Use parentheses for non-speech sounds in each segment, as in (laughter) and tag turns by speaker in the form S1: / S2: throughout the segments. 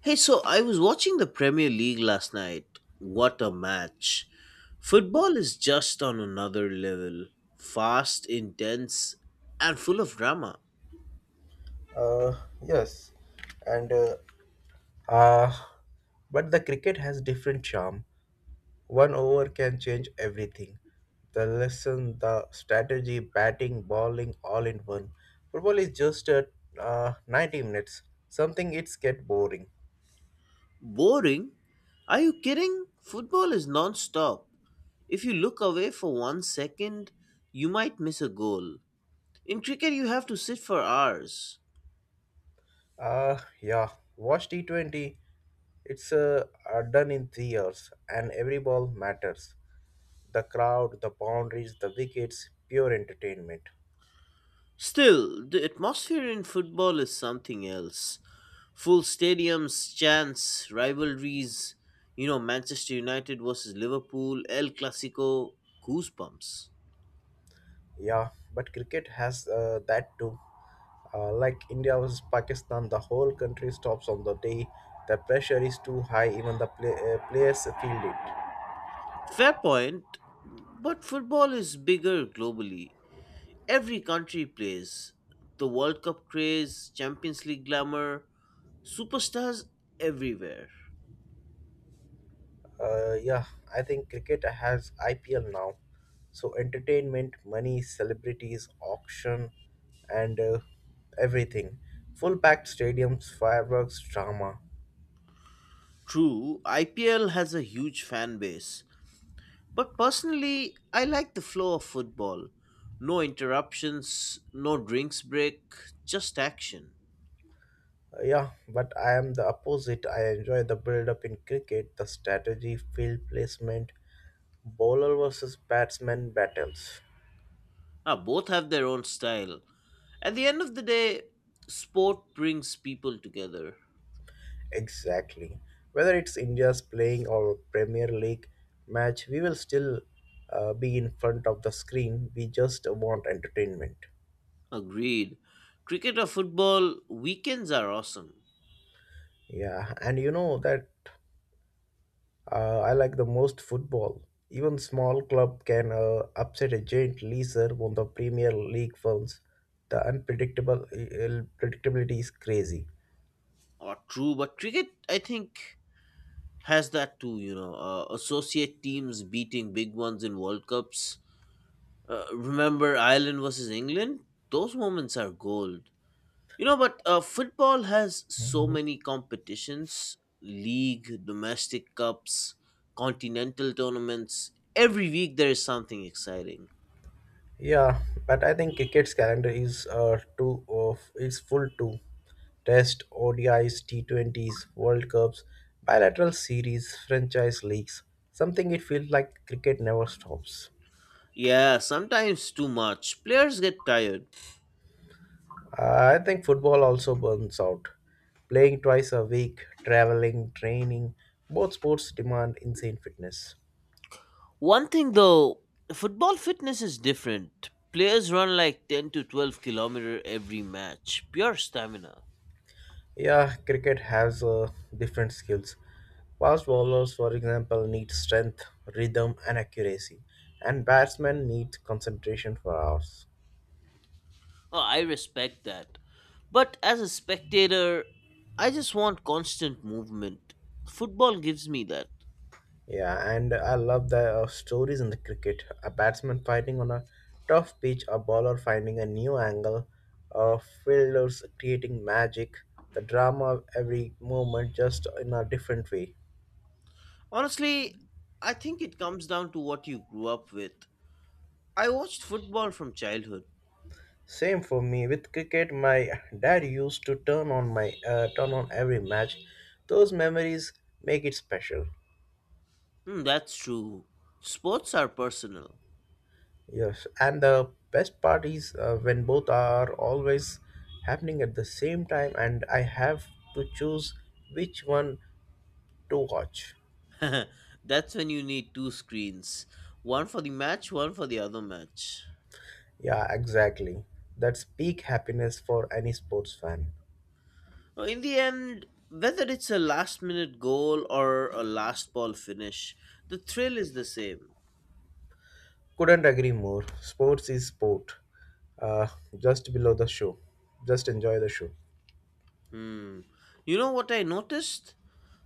S1: Hey, so I was watching the Premier League last night. What a match! Football is just on another level. Fast, intense, and full of drama.
S2: Uh, yes, and uh, but the cricket has different charm. One over can change everything. The lesson, the strategy, batting, bowling, all in one. Football is just 90 minutes. Something it's get boring.
S1: Boring? Are you kidding? Football is non stop. If you look away for 1 second, you might miss a goal. In cricket, you have to sit for hours.
S2: Yeah, watch T20. It's done in 3 years, and every ball matters. The crowd, the boundaries, the wickets, pure entertainment.
S1: Still, the atmosphere in football is something else. Full stadiums, chants, rivalries, Manchester United versus Liverpool, El Clasico, goosebumps.
S2: Yeah, but cricket has that too. Like India versus Pakistan, the whole country stops on the day. The pressure is too high, even the players feel it.
S1: Fair point, but football is bigger globally. Every country plays. The World Cup craze, Champions League glamour, superstars everywhere.
S2: Yeah, I think cricket has IPL now. So, entertainment, money, celebrities, auction, and everything. Full packed stadiums, fireworks, drama.
S1: True, IPL has a huge fan base, but personally, I like the flow of football. No interruptions, no drinks break, just action.
S2: Yeah, but I am the opposite. I enjoy the build up in cricket, the strategy, field placement, bowler versus batsman battles.
S1: Ah, both have their own style. At the end of the day, sport brings people together.
S2: Exactly. Whether it's India's playing or Premier League match, we will still be in front of the screen. We just want entertainment.
S1: Agreed. Cricket or football, weekends are awesome.
S2: Yeah, and you know that I like the most football. Even small club can upset a giant leaser on the Premier League firms. The unpredictable predictability is crazy.
S1: Or true, but cricket, I think, has that too. Associate teams beating big ones in World Cups. Remember Ireland versus England? Those moments are gold. But football has so many competitions league, domestic cups, continental tournaments. Every week there is something exciting.
S2: Yeah, but I think cricket's calendar is too of is full too. Test, ODIs, T20s, World Cups, bilateral series, franchise leagues. Something it feels like cricket never stops.
S1: Yeah, sometimes too much. Players get tired.
S2: I think football also burns out. Playing twice a week, traveling, training, both sports demand insane fitness.
S1: One thing though, football fitness is different. Players run like 10 to 12 kilometer every match. Pure stamina.
S2: Yeah, cricket has different skills. Fast bowlers, for example, need strength, rhythm, and accuracy, and batsmen need concentration for hours.
S1: Oh, I respect that. But as a spectator, I just want constant movement. Football gives me that.
S2: Yeah, and I love the stories in the cricket. A batsman fighting on a tough pitch, a bowler finding a new angle, uh, fielders creating magic, the drama of every moment just in a different way.
S1: Honestly, I think it comes down to what you grew up with. I watched football from childhood.
S2: Same for me with cricket. My dad used to turn on every match. Those memories make it special.
S1: Hmm, that's true. Sports are personal.
S2: Yes, and the best part is when both are always happening at the same time, and I have to choose which one to watch.
S1: (laughs) That's when you need two screens, one for the match, one for the other match.
S2: Yeah, exactly. That's peak happiness for any sports fan.
S1: In the end, whether it's a last minute goal or a last ball finish, the thrill is the same.
S2: Couldn't agree more. Sports is sport. Uh, just below the show. Just enjoy the show.
S1: Hmm. You know what I noticed?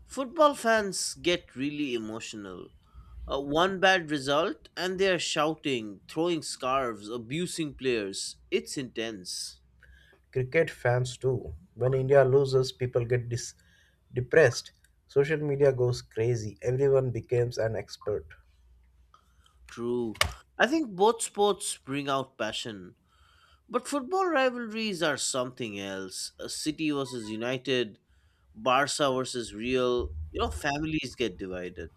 S1: Football fans get really emotional. One bad result, and they are shouting, throwing scarves, abusing players. It's intense.
S2: Cricket fans too. When India loses, people get depressed. Social media goes crazy. Everyone becomes an expert.
S1: True. I think both sports bring out passion. But football rivalries are something else. City versus United, Barca versus Real. Families get divided.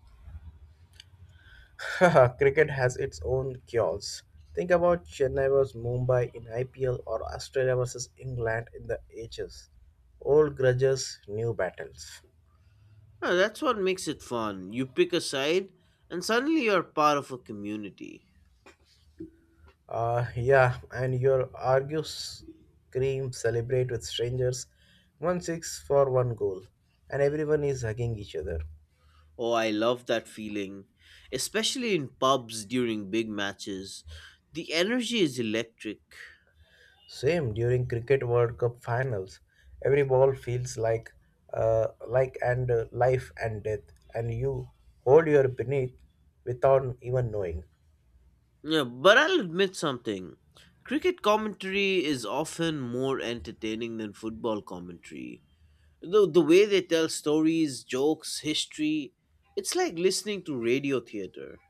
S2: (laughs) Cricket has its own chaos. Think about Chennai vs Mumbai in IPL or Australia vs England in the H's. Old grudges, new battles.
S1: That's what makes it fun. You pick a side, and suddenly you're part of a community.
S2: Yeah, and your argue scream celebrate with strangers. One six for one goal, and everyone is hugging each other.
S1: Oh, I love that feeling, especially in pubs during big matches. The energy is electric.
S2: Same during Cricket World Cup finals, every ball feels like and life and death, and you hold your beneath without even knowing.
S1: Yeah, but I'll admit something. Cricket commentary is often more entertaining than football commentary. The way they tell stories, jokes, history, it's like listening to radio theater.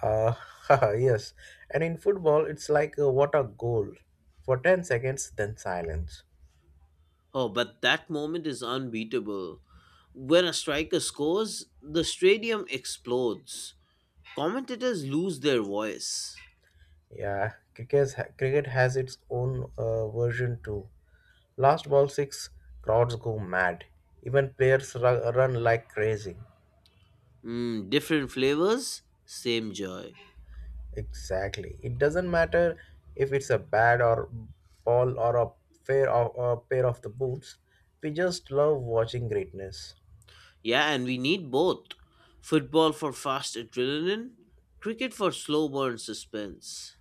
S2: Uh, (laughs) yes, and in football, it's like what a goal for 10 seconds, then silence.
S1: Oh, but that moment is unbeatable. When a striker scores, the stadium explodes. Commentators lose their voice.
S2: Yeah, cricket has its own version too. Last ball six, crowds go mad. Even players run like crazy.
S1: Mm, different flavors, same joy.
S2: Exactly. It doesn't matter if it's a bad or ball or a pair of the boots. We just love watching greatness.
S1: Yeah, and we need both. Football for fast adrenaline, cricket for slow burn suspense.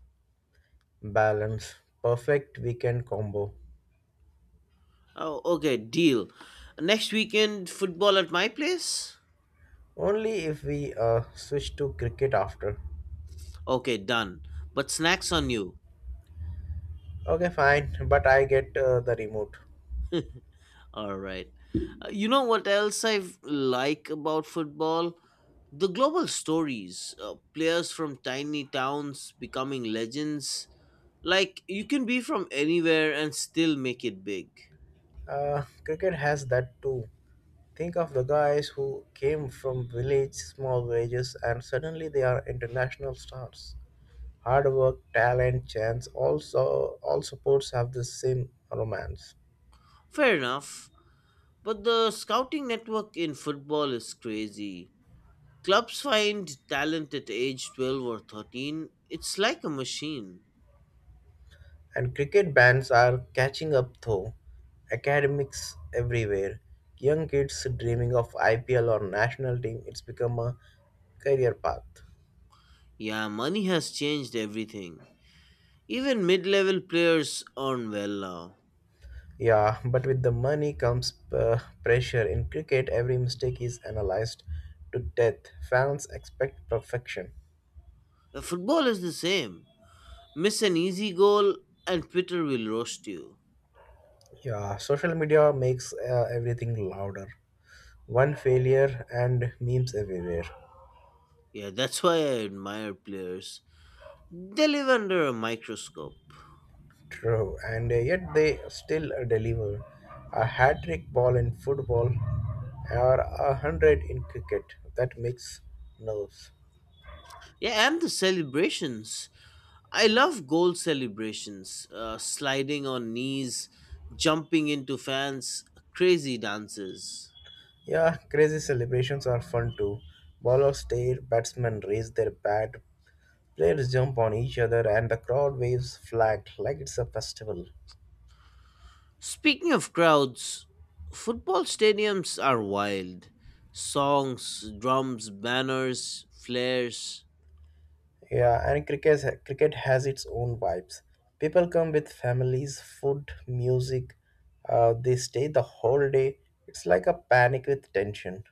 S2: Balance. Perfect weekend combo.
S1: Oh, okay, deal. Next weekend, football at my place?
S2: Only if we switch to cricket after.
S1: Okay, done. But snacks on you.
S2: Okay, fine, but I get the remote.
S1: All right. You know what else I like about football? The global stories. Players from tiny towns becoming legends. Like, you can be from anywhere and still make it big.
S2: Cricket has that too. Think of the guys who came from village, small villages, and suddenly they are international stars. Hard work, talent, chance, also all sports have the same romance.
S1: Fair enough, but the scouting network in football is crazy. Clubs find talent at age 12 or 13. It's like a machine.
S2: And cricket bans are catching up though. Academics everywhere. Young kids dreaming of IPL or national team, it's become a career path.
S1: Yeah, money has changed everything. Even mid level players earn well now.
S2: Yeah, but with the money comes pressure. In cricket, every mistake is analyzed to death. Fans expect perfection.
S1: Football is the same. Miss an easy goal, and Twitter will roast you.
S2: Yeah, social media makes everything louder. One failure and memes everywhere.
S1: Yeah, that's why I admire players. They live under a microscope.
S2: True, and yet they still deliver a hat trick ball in football or a hundred in cricket. That makes nerves.
S1: Yeah, and the celebrations. I love goal celebrations, sliding on knees, jumping into fans, crazy dances.
S2: Yeah, crazy celebrations are fun too. Ballers stare, batsmen raise their bat, players jump on each other, and the crowd waves flag like it's a festival.
S1: Speaking of crowds, football stadiums are wild. Songs, drums, banners, flares.
S2: Yeah, and cricket has its own vibes. People come with families, food, music. They stay the whole day. It's like a panic with tension.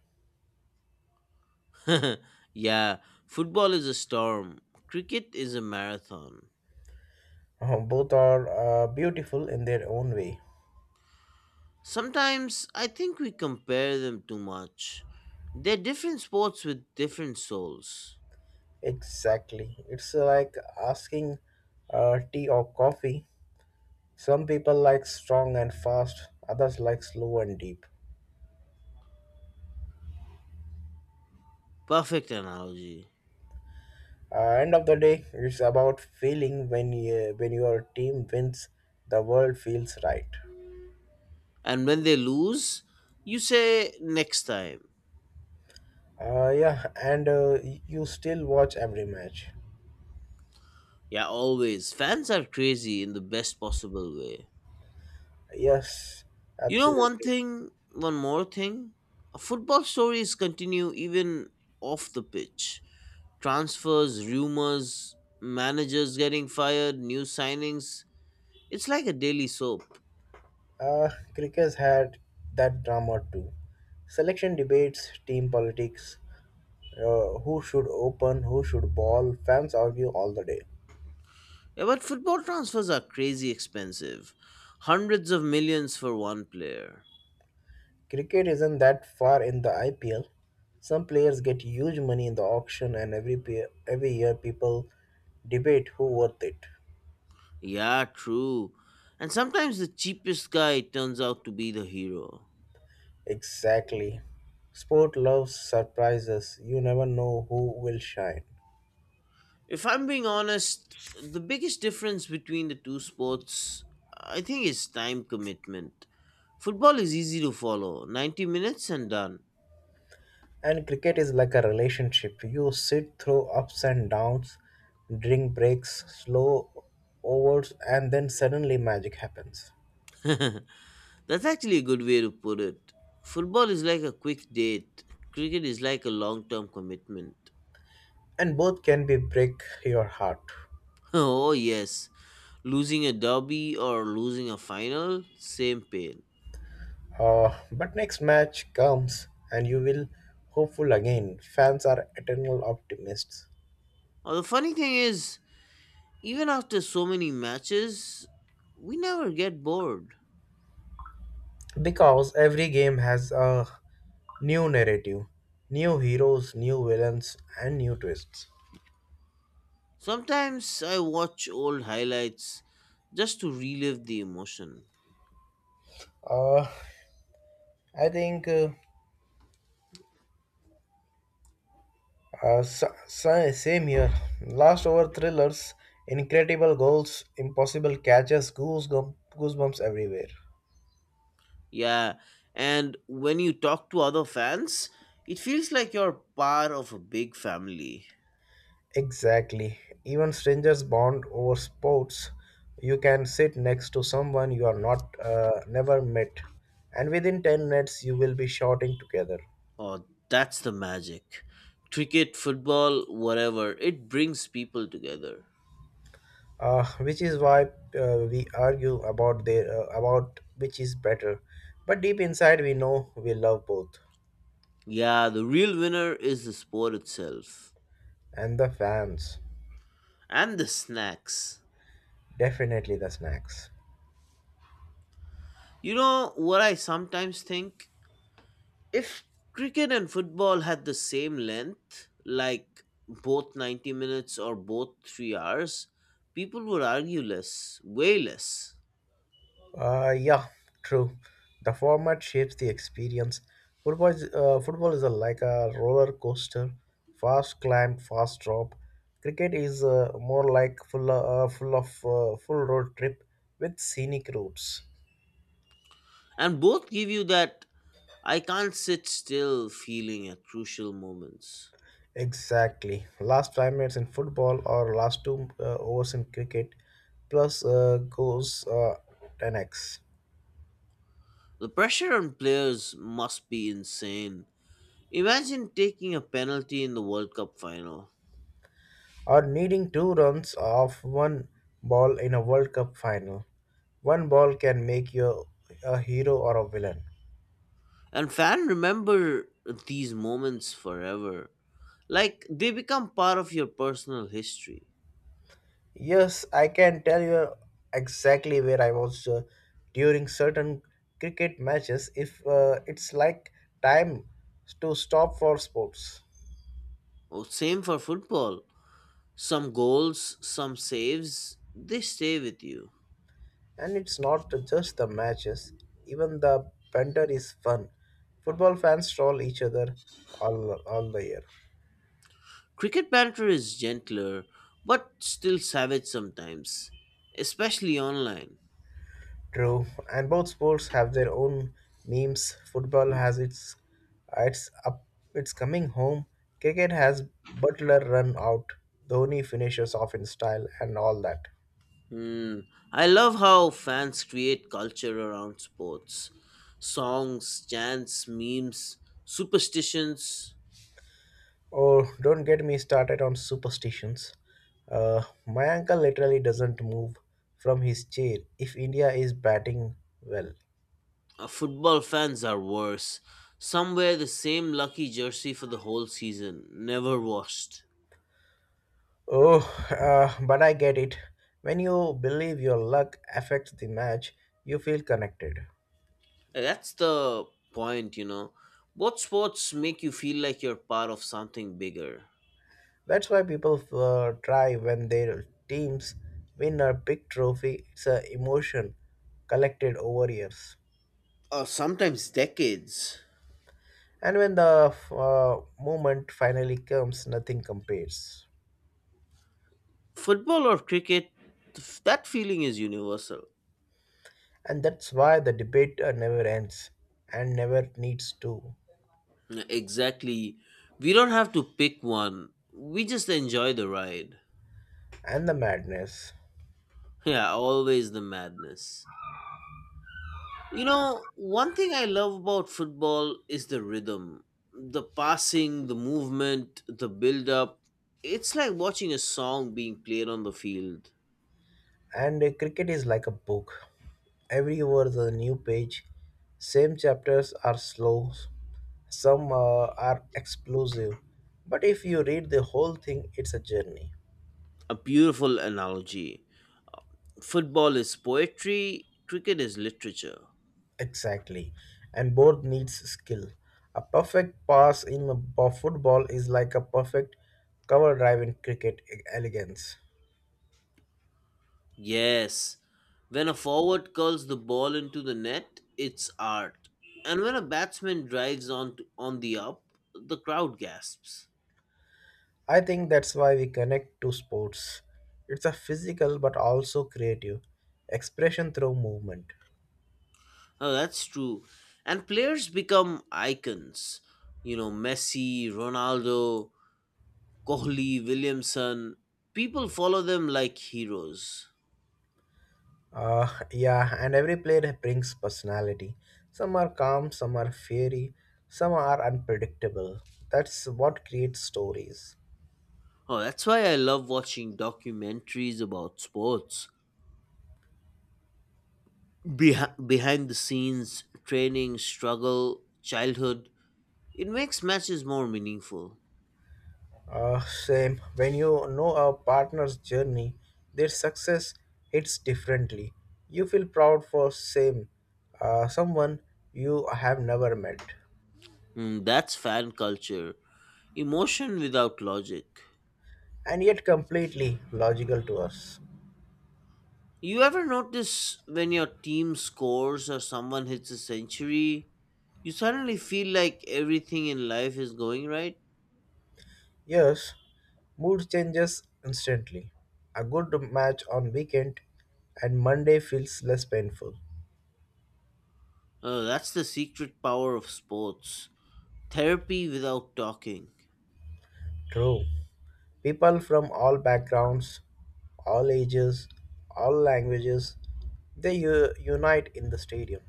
S1: (laughs) Yeah, football is a storm, cricket is a marathon.
S2: Both are beautiful in their own way.
S1: Sometimes I think we compare them too much. They're different sports with different souls.
S2: Exactly. It's like asking tea or coffee. Some people like strong and fast, others like slow and deep.
S1: Perfect analogy.
S2: End of the day, it's about feeling when when your team wins, the world feels right.
S1: And when they lose, you say next time.
S2: Yeah, and you still watch every match.
S1: Yeah, always. Fans are crazy in the best possible way.
S2: Yes,
S1: One
S2: absolutely.
S1: thing, one more thing. Football stories continue even off the pitch. Transfers, rumors, managers getting fired, new signings. It's like a daily soap.
S2: Cricket's had that drama too. Selection debates, team politics, who should open, who should ball, fans argue all the day.
S1: Yeah, but football transfers are crazy expensive. Hundreds of millions for one player.
S2: Cricket isn't that far in the IPL. Some players get huge money in the auction, and every year people debate who worth it.
S1: Yeah, true. And sometimes the cheapest guy turns out to be the hero.
S2: Exactly. Sport loves surprises. You never know who will shine.
S1: If I'm being honest, the biggest difference between the two sports, I think, is time commitment. Football is easy to follow 90 minutes and done.
S2: And cricket is like a relationship. You sit through ups and downs, drink breaks, slow overs, and then suddenly magic happens.
S1: (laughs) That's actually a good way to put it. Football is like a quick date, cricket is like a long term commitment.
S2: And both can be break your heart.
S1: (laughs) Oh, yes, losing a derby or losing a final, same pain.
S2: But next match comes and you will hopeful again. Fans are eternal optimists
S1: Or the funny thing is, even after so many matches, we never get bored.
S2: because every game has a new narrative, new heroes, new villains, and new twists.
S1: Sometimes I watch old highlights just to relive the emotion.
S2: Uh, I think same here. Last over thrillers, incredible goals, impossible catches, goosebumps everywhere.
S1: Yeah, and when you talk to other fans, it feels like you're part of a big family.
S2: Exactly. Even strangers bond over sports. You can sit next to someone you are not never met, and within 10 minutes you will be shouting together.
S1: Oh, that's the magic. Cricket, football, whatever, it brings people together.
S2: Which is why we argue about their about which is better. But deep inside we know we love both.
S1: Yeah, the real winner is the sport itself
S2: And the fans,
S1: and the snacks.
S2: definitely the snacks.
S1: You know what I sometimes think? If cricket and football had the same length, like both 90 minutes or both 3 hours, people would argue less, way less.
S2: Yeah, true. The format shapes the experience. Football is like a roller coaster, fast climb, fast drop. Cricket is more like full road trip with scenic routes.
S1: And both give you that I can't sit still feeling at crucial moments.
S2: Exactly. Last 5 minutes in football or last two overs in cricket, plus goes 10x.
S1: The pressure on players must be insane. Imagine taking a penalty in the World Cup final.
S2: Or needing 2 runs off one ball in a World Cup final. One ball can make you a hero or a villain.
S1: And fan remember these moments forever. Like they become part of your personal history.
S2: Yes, I can tell you exactly where I was during certain cricket matches. If It's like time to stop for sports,
S1: Oh, same for football. Some goals, some saves, they stay with you.
S2: and it's not just the matches. Even the banter is fun. Football fans troll each other all the year.
S1: Cricket banter is gentler, but still savage sometimes, especially online.
S2: True, and both sports have their own memes. Football has its up its coming home. Cricket has Butler run out, Dhoni finishes off in style, and all that.
S1: Hmm. I love how fans create culture around sports. Songs, chants, memes, superstitions.
S2: Oh, don't get me started on superstitions. My uncle literally doesn't move from his chair if India is batting well.
S1: Football fans are worse. Some wear the same lucky jersey for the whole season, never washed.
S2: Oh, but I get it. When you believe your luck affects the match, you feel connected.
S1: That's the point. What sports make you feel like you're part of something bigger?
S2: That's why people try when their teams win a big trophy. It's an emotion collected over years.
S1: Or sometimes decades.
S2: And when the moment finally comes, nothing compares.
S1: Football or cricket, that feeling is universal.
S2: And that's why the debate never ends and never needs to.
S1: Exactly. We don't have to pick one, we just enjoy the ride. (laughs)
S2: And the madness.
S1: Yeah, always the madness. One thing I love about football is the rhythm, the passing, the movement, the build up. It's like watching a song being played on the field.
S2: And cricket is like a book. Every over a new page. Same chapters are slow, some are explosive. But if you read the whole thing, it's a journey.
S1: A beautiful analogy. Football is poetry, cricket is literature.
S2: Exactly. And both needs skill. A perfect pass in a football is like a perfect cover drive in cricket elegance.
S1: Yes, when a forward curls the ball into the net, it's art. And when a batsman drives on the up, the crowd gasps.
S2: I think that's why we connect to sports. It's a physical but also creative expression through movement.
S1: Oh, that's true. And players become icons. Messi, Ronaldo, Kohli, Williamson. People follow them like heroes.
S2: Uh, yeah, and every player brings personality. Some are calm, some are fiery, some are unpredictable. That's what creates stories.
S1: Oh, that's why I love watching documentaries about sports. Behind the scenes training struggle childhood, it makes matches more meaningful.
S2: Same, when you know a partner's journey, their success hits differently. You feel proud for same someone you have never met,
S1: Mm, that's fan culture, emotion without logic.
S2: and yet completely logical to us.
S1: You ever notice when your team scores or someone hits a century, you suddenly feel like everything in life is going right?
S2: Yes, mood changes instantly. A good match on weekend and Monday feels less painful.
S1: Oh, that's the secret power of sports, therapy without talking.
S2: True. People from all backgrounds, all ages, all languages, they unite in the stadium.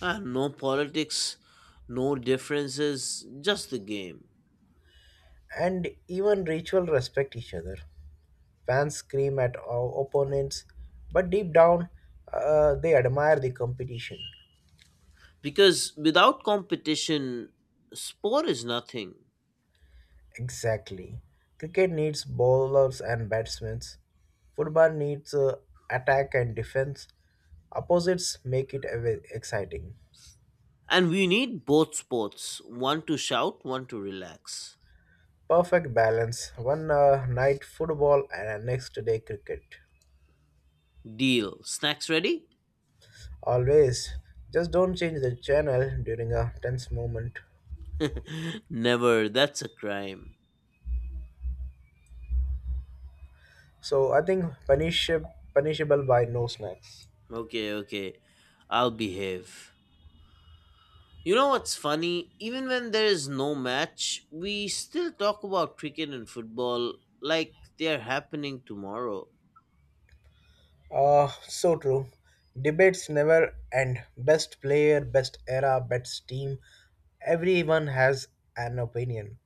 S1: And no politics, no differences, just the game.
S2: And even ritual respect each other. Fans scream at our opponents, but deep down, they admire the competition.
S1: Because without competition sport is nothing.
S2: Exactly. Cricket needs bowlers and batsmen. Football needs attack and defense. Opposites make it exciting.
S1: And we need both sports, one to shout, one to relax.
S2: Perfect balance. One night football and a next day cricket.
S1: Deal, snacks ready.
S2: Always. Just don't change the channel during a tense moment.
S1: (laughs) Never, that's a crime.
S2: So I think punishable by no snacks.
S1: Okay, okay, I'll behave. You know what's funny, even when there is no match we still talk about cricket and football like they're happening tomorrow.
S2: So true. Debates never end. Best player, best era, best team. Everyone has an opinion.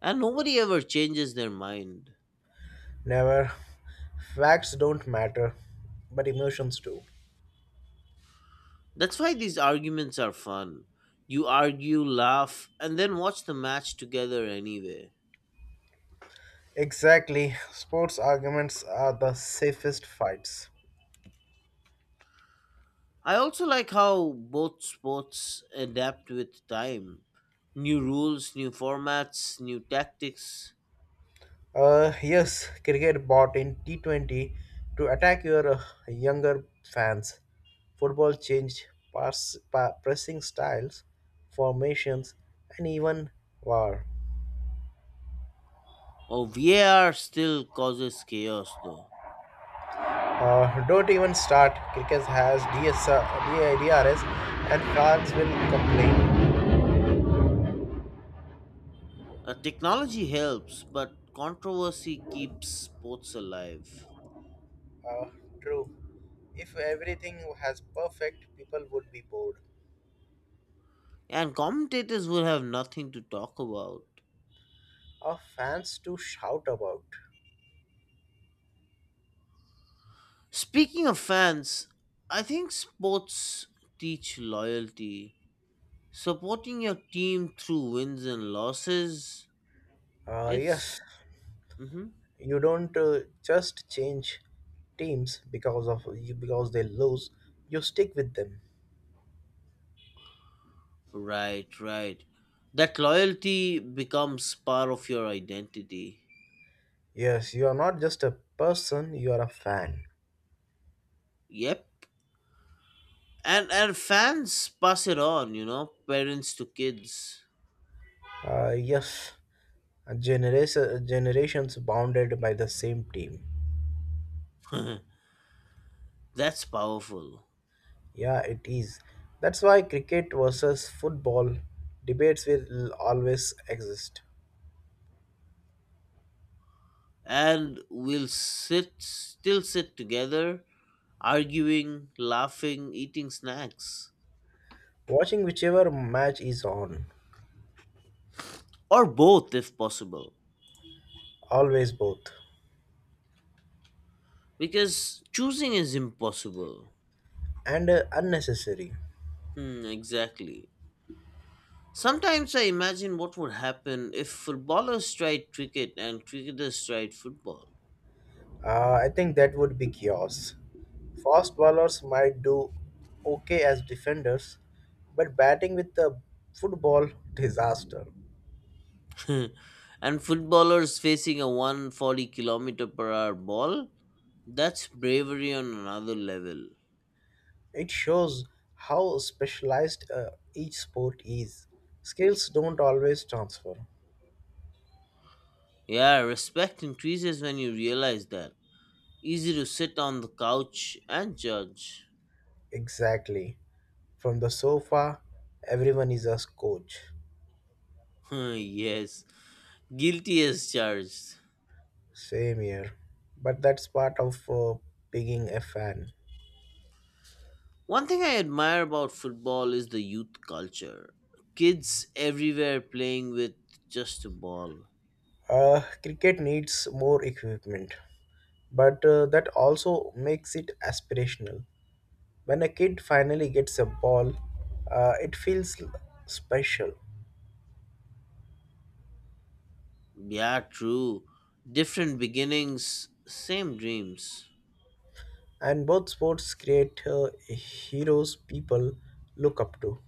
S1: And nobody ever changes their mind.
S2: Never. Facts don't matter, but emotions do.
S1: That's why these arguments are fun. You argue, laugh, and then watch the match together anyway.
S2: Exactly. Sports arguments are the safest fights.
S1: I also like how both sports adapt with time. New rules, new formats, new tactics.
S2: Yes, cricket bought in T20 to attack your younger fans. Football changed pressing styles, formations, and even war.
S1: Oh, VAR still causes chaos though.
S2: Don't even start. Kickers has DS, and France will complain.
S1: Technology helps, but controversy keeps sports alive.
S2: Uh, True. If everything has perfect, people would be bored.
S1: And commentators will have nothing to talk about.
S2: Our fans to shout about.
S1: Speaking of fans, I think sports teach loyalty. Supporting your team through wins and losses, it's
S2: Yes,
S1: Mhm.
S2: you don't just change teams because they lose. You stick with them.
S1: Right, right. That loyalty becomes part of your identity.
S2: Yes, you are not just a person. You are a fan.
S1: Yep. And fans pass it on, parents to kids.
S2: Yes, generations bounded by the same team.
S1: (laughs) That's powerful.
S2: Yeah, it is. That's why cricket versus football debates will always exist.
S1: And we'll sit still sit together, arguing, laughing, eating snacks.
S2: Watching whichever match is on,
S1: Or both, if possible.
S2: always both,
S1: Because choosing is impossible.
S2: and unnecessary.
S1: Hmm, exactly. Sometimes I imagine what would happen if footballers tried cricket and cricketers tried football.
S2: I think that would be chaos. Fast bowlers might do okay as defenders, but batting with the football (laughs) disaster.
S1: (laughs) And footballers facing a 140 kilometer per hour ball? That's bravery on another level.
S2: It shows how specialized each sport is. Skills don't always transfer.
S1: Yeah, respect increases when you realize that. Easy to sit on the couch and judge.
S2: Exactly. From the sofa, everyone is a coach.
S1: (laughs) Yes, guilty as charged.
S2: Same here. But that's part of being a fan.
S1: One thing I admire about football is the youth culture. Kids everywhere playing with just a ball.
S2: Cricket needs more equipment, but that also makes it aspirational. When a kid finally gets a ball, it feels special.
S1: Yeah, true. Different beginnings, same dreams.
S2: And both sports create heroes people look up to.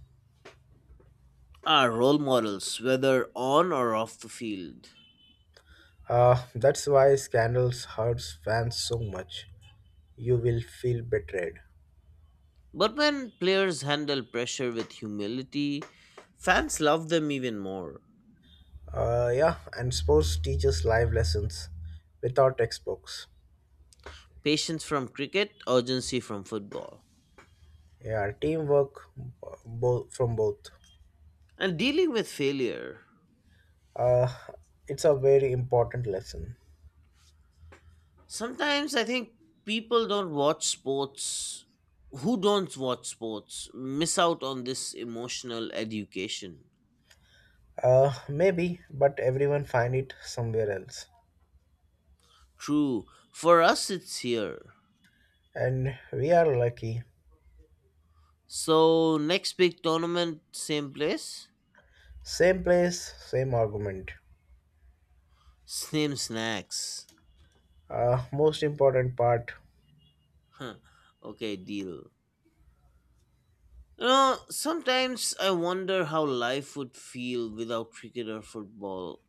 S1: Are role models, whether on or off the field.
S2: That's why scandals hurts fans so much. You will feel betrayed.
S1: But when players handle pressure with humility, fans love them even more.
S2: Yeah, and sports teaches live lessons without textbooks.
S1: Patience from cricket, urgency from football.
S2: Yeah, teamwork both from both.
S1: And dealing with failure.
S2: Uh, it's a very important lesson.
S1: Sometimes I think people don't watch sports who don't watch sports miss out on this emotional education.
S2: Maybe, but everyone find it somewhere else.
S1: True. For us it's here.
S2: And we are lucky.
S1: So next big tournament same place,
S2: Same place, same argument.
S1: same snacks.
S2: Most important part,
S1: Huh. Okay, deal. Sometimes I wonder how life would feel without cricket or football.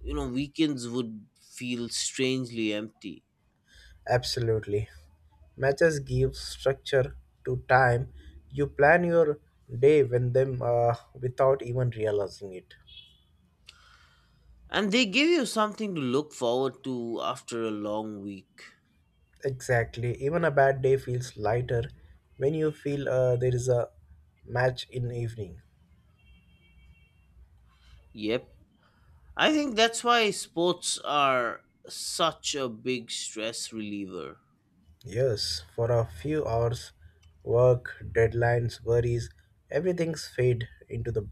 S1: Weekends would feel strangely empty.
S2: absolutely. Matches give structure to time. You plan your day when them without even realizing it.
S1: And they give you something to look forward to after a long week.
S2: Exactly. Even a bad day feels lighter when you feel there is a match in evening.
S1: Yep. I think that's why sports are such a big stress reliever.
S2: Yes, for a few hours, work, deadlines, worries, everything's fade into the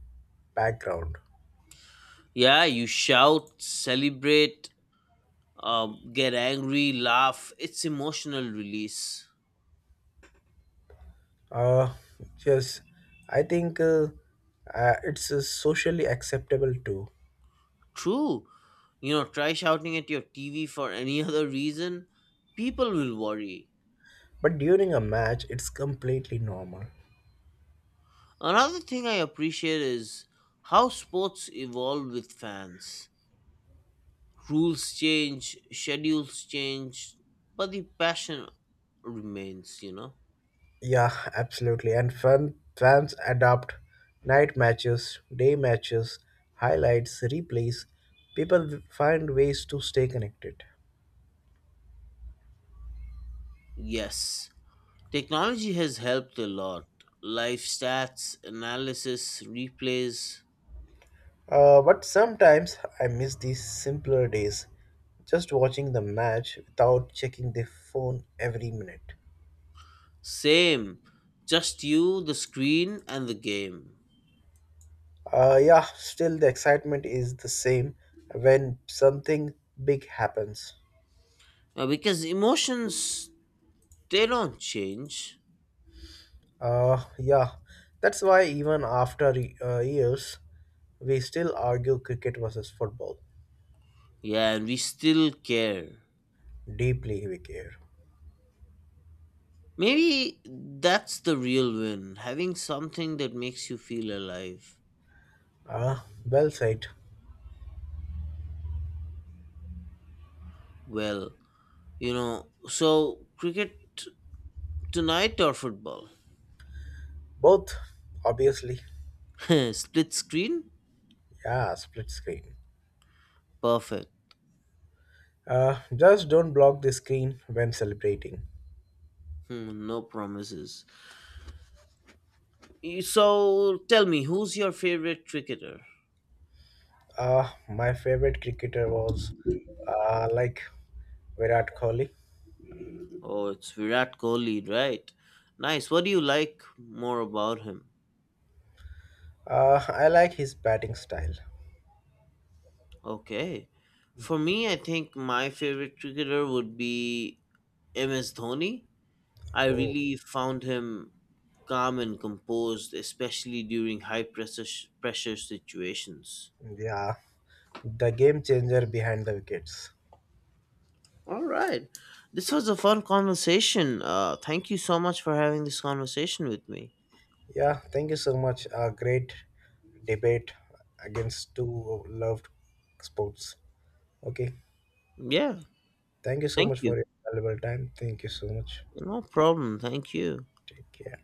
S2: background.
S1: Yeah, you shout, celebrate, get angry, laugh. It's emotional release.
S2: Uh, yes, I think it's socially acceptable too.
S1: True. Try shouting at your TV for any (laughs) other reason. People will worry.
S2: But during a match, it's completely normal.
S1: Another thing I appreciate is how sports evolve with fans. Rules change, schedules change, but the passion remains, you know?
S2: Yeah, absolutely. And fans adapt night matches, day matches, highlights, replays. People find ways to stay connected.
S1: Yes, technology has helped a lot. Life stats, analysis, replays,
S2: But sometimes I miss these simpler days, just watching the match without checking the phone every minute.
S1: same. Just you, the screen, and the game.
S2: Yeah, still the excitement is the same when something big happens.
S1: Because emotions, they don't change.
S2: Yeah, that's why even after years, we still argue cricket versus football.
S1: Yeah, and we still care.
S2: Deeply we care.
S1: Maybe that's the real win, having something that makes you feel alive.
S2: Ah, well said.
S1: Well, so cricket tonight or football?
S2: Both, obviously.
S1: (laughs) Split screen?
S2: Yeah, split screen.
S1: Perfect.
S2: Just don't block the screen when celebrating.
S1: Hmm, no promises. So tell me, who's your favorite cricketer?
S2: My favorite cricketer was like Virat Kohli.
S1: Oh, it's Virat Kohli, right? Nice. What do you like more about him?
S2: I like his batting style.
S1: Okay. For me, I think my favorite cricketer would be MS Dhoni. I
S2: Oh,
S1: really found him calm and composed, especially during high pressure situations.
S2: yeah, the game changer behind the wickets.
S1: All right. This was a fun conversation. Thank you so much for having this conversation with me.
S2: Yeah, thank you so much. A great debate against two loved sports. Okay,
S1: Yeah,
S2: thank you so
S1: thank
S2: much for
S1: you.
S2: your valuable time. Thank you so much.
S1: No problem. Thank you.
S2: Take care.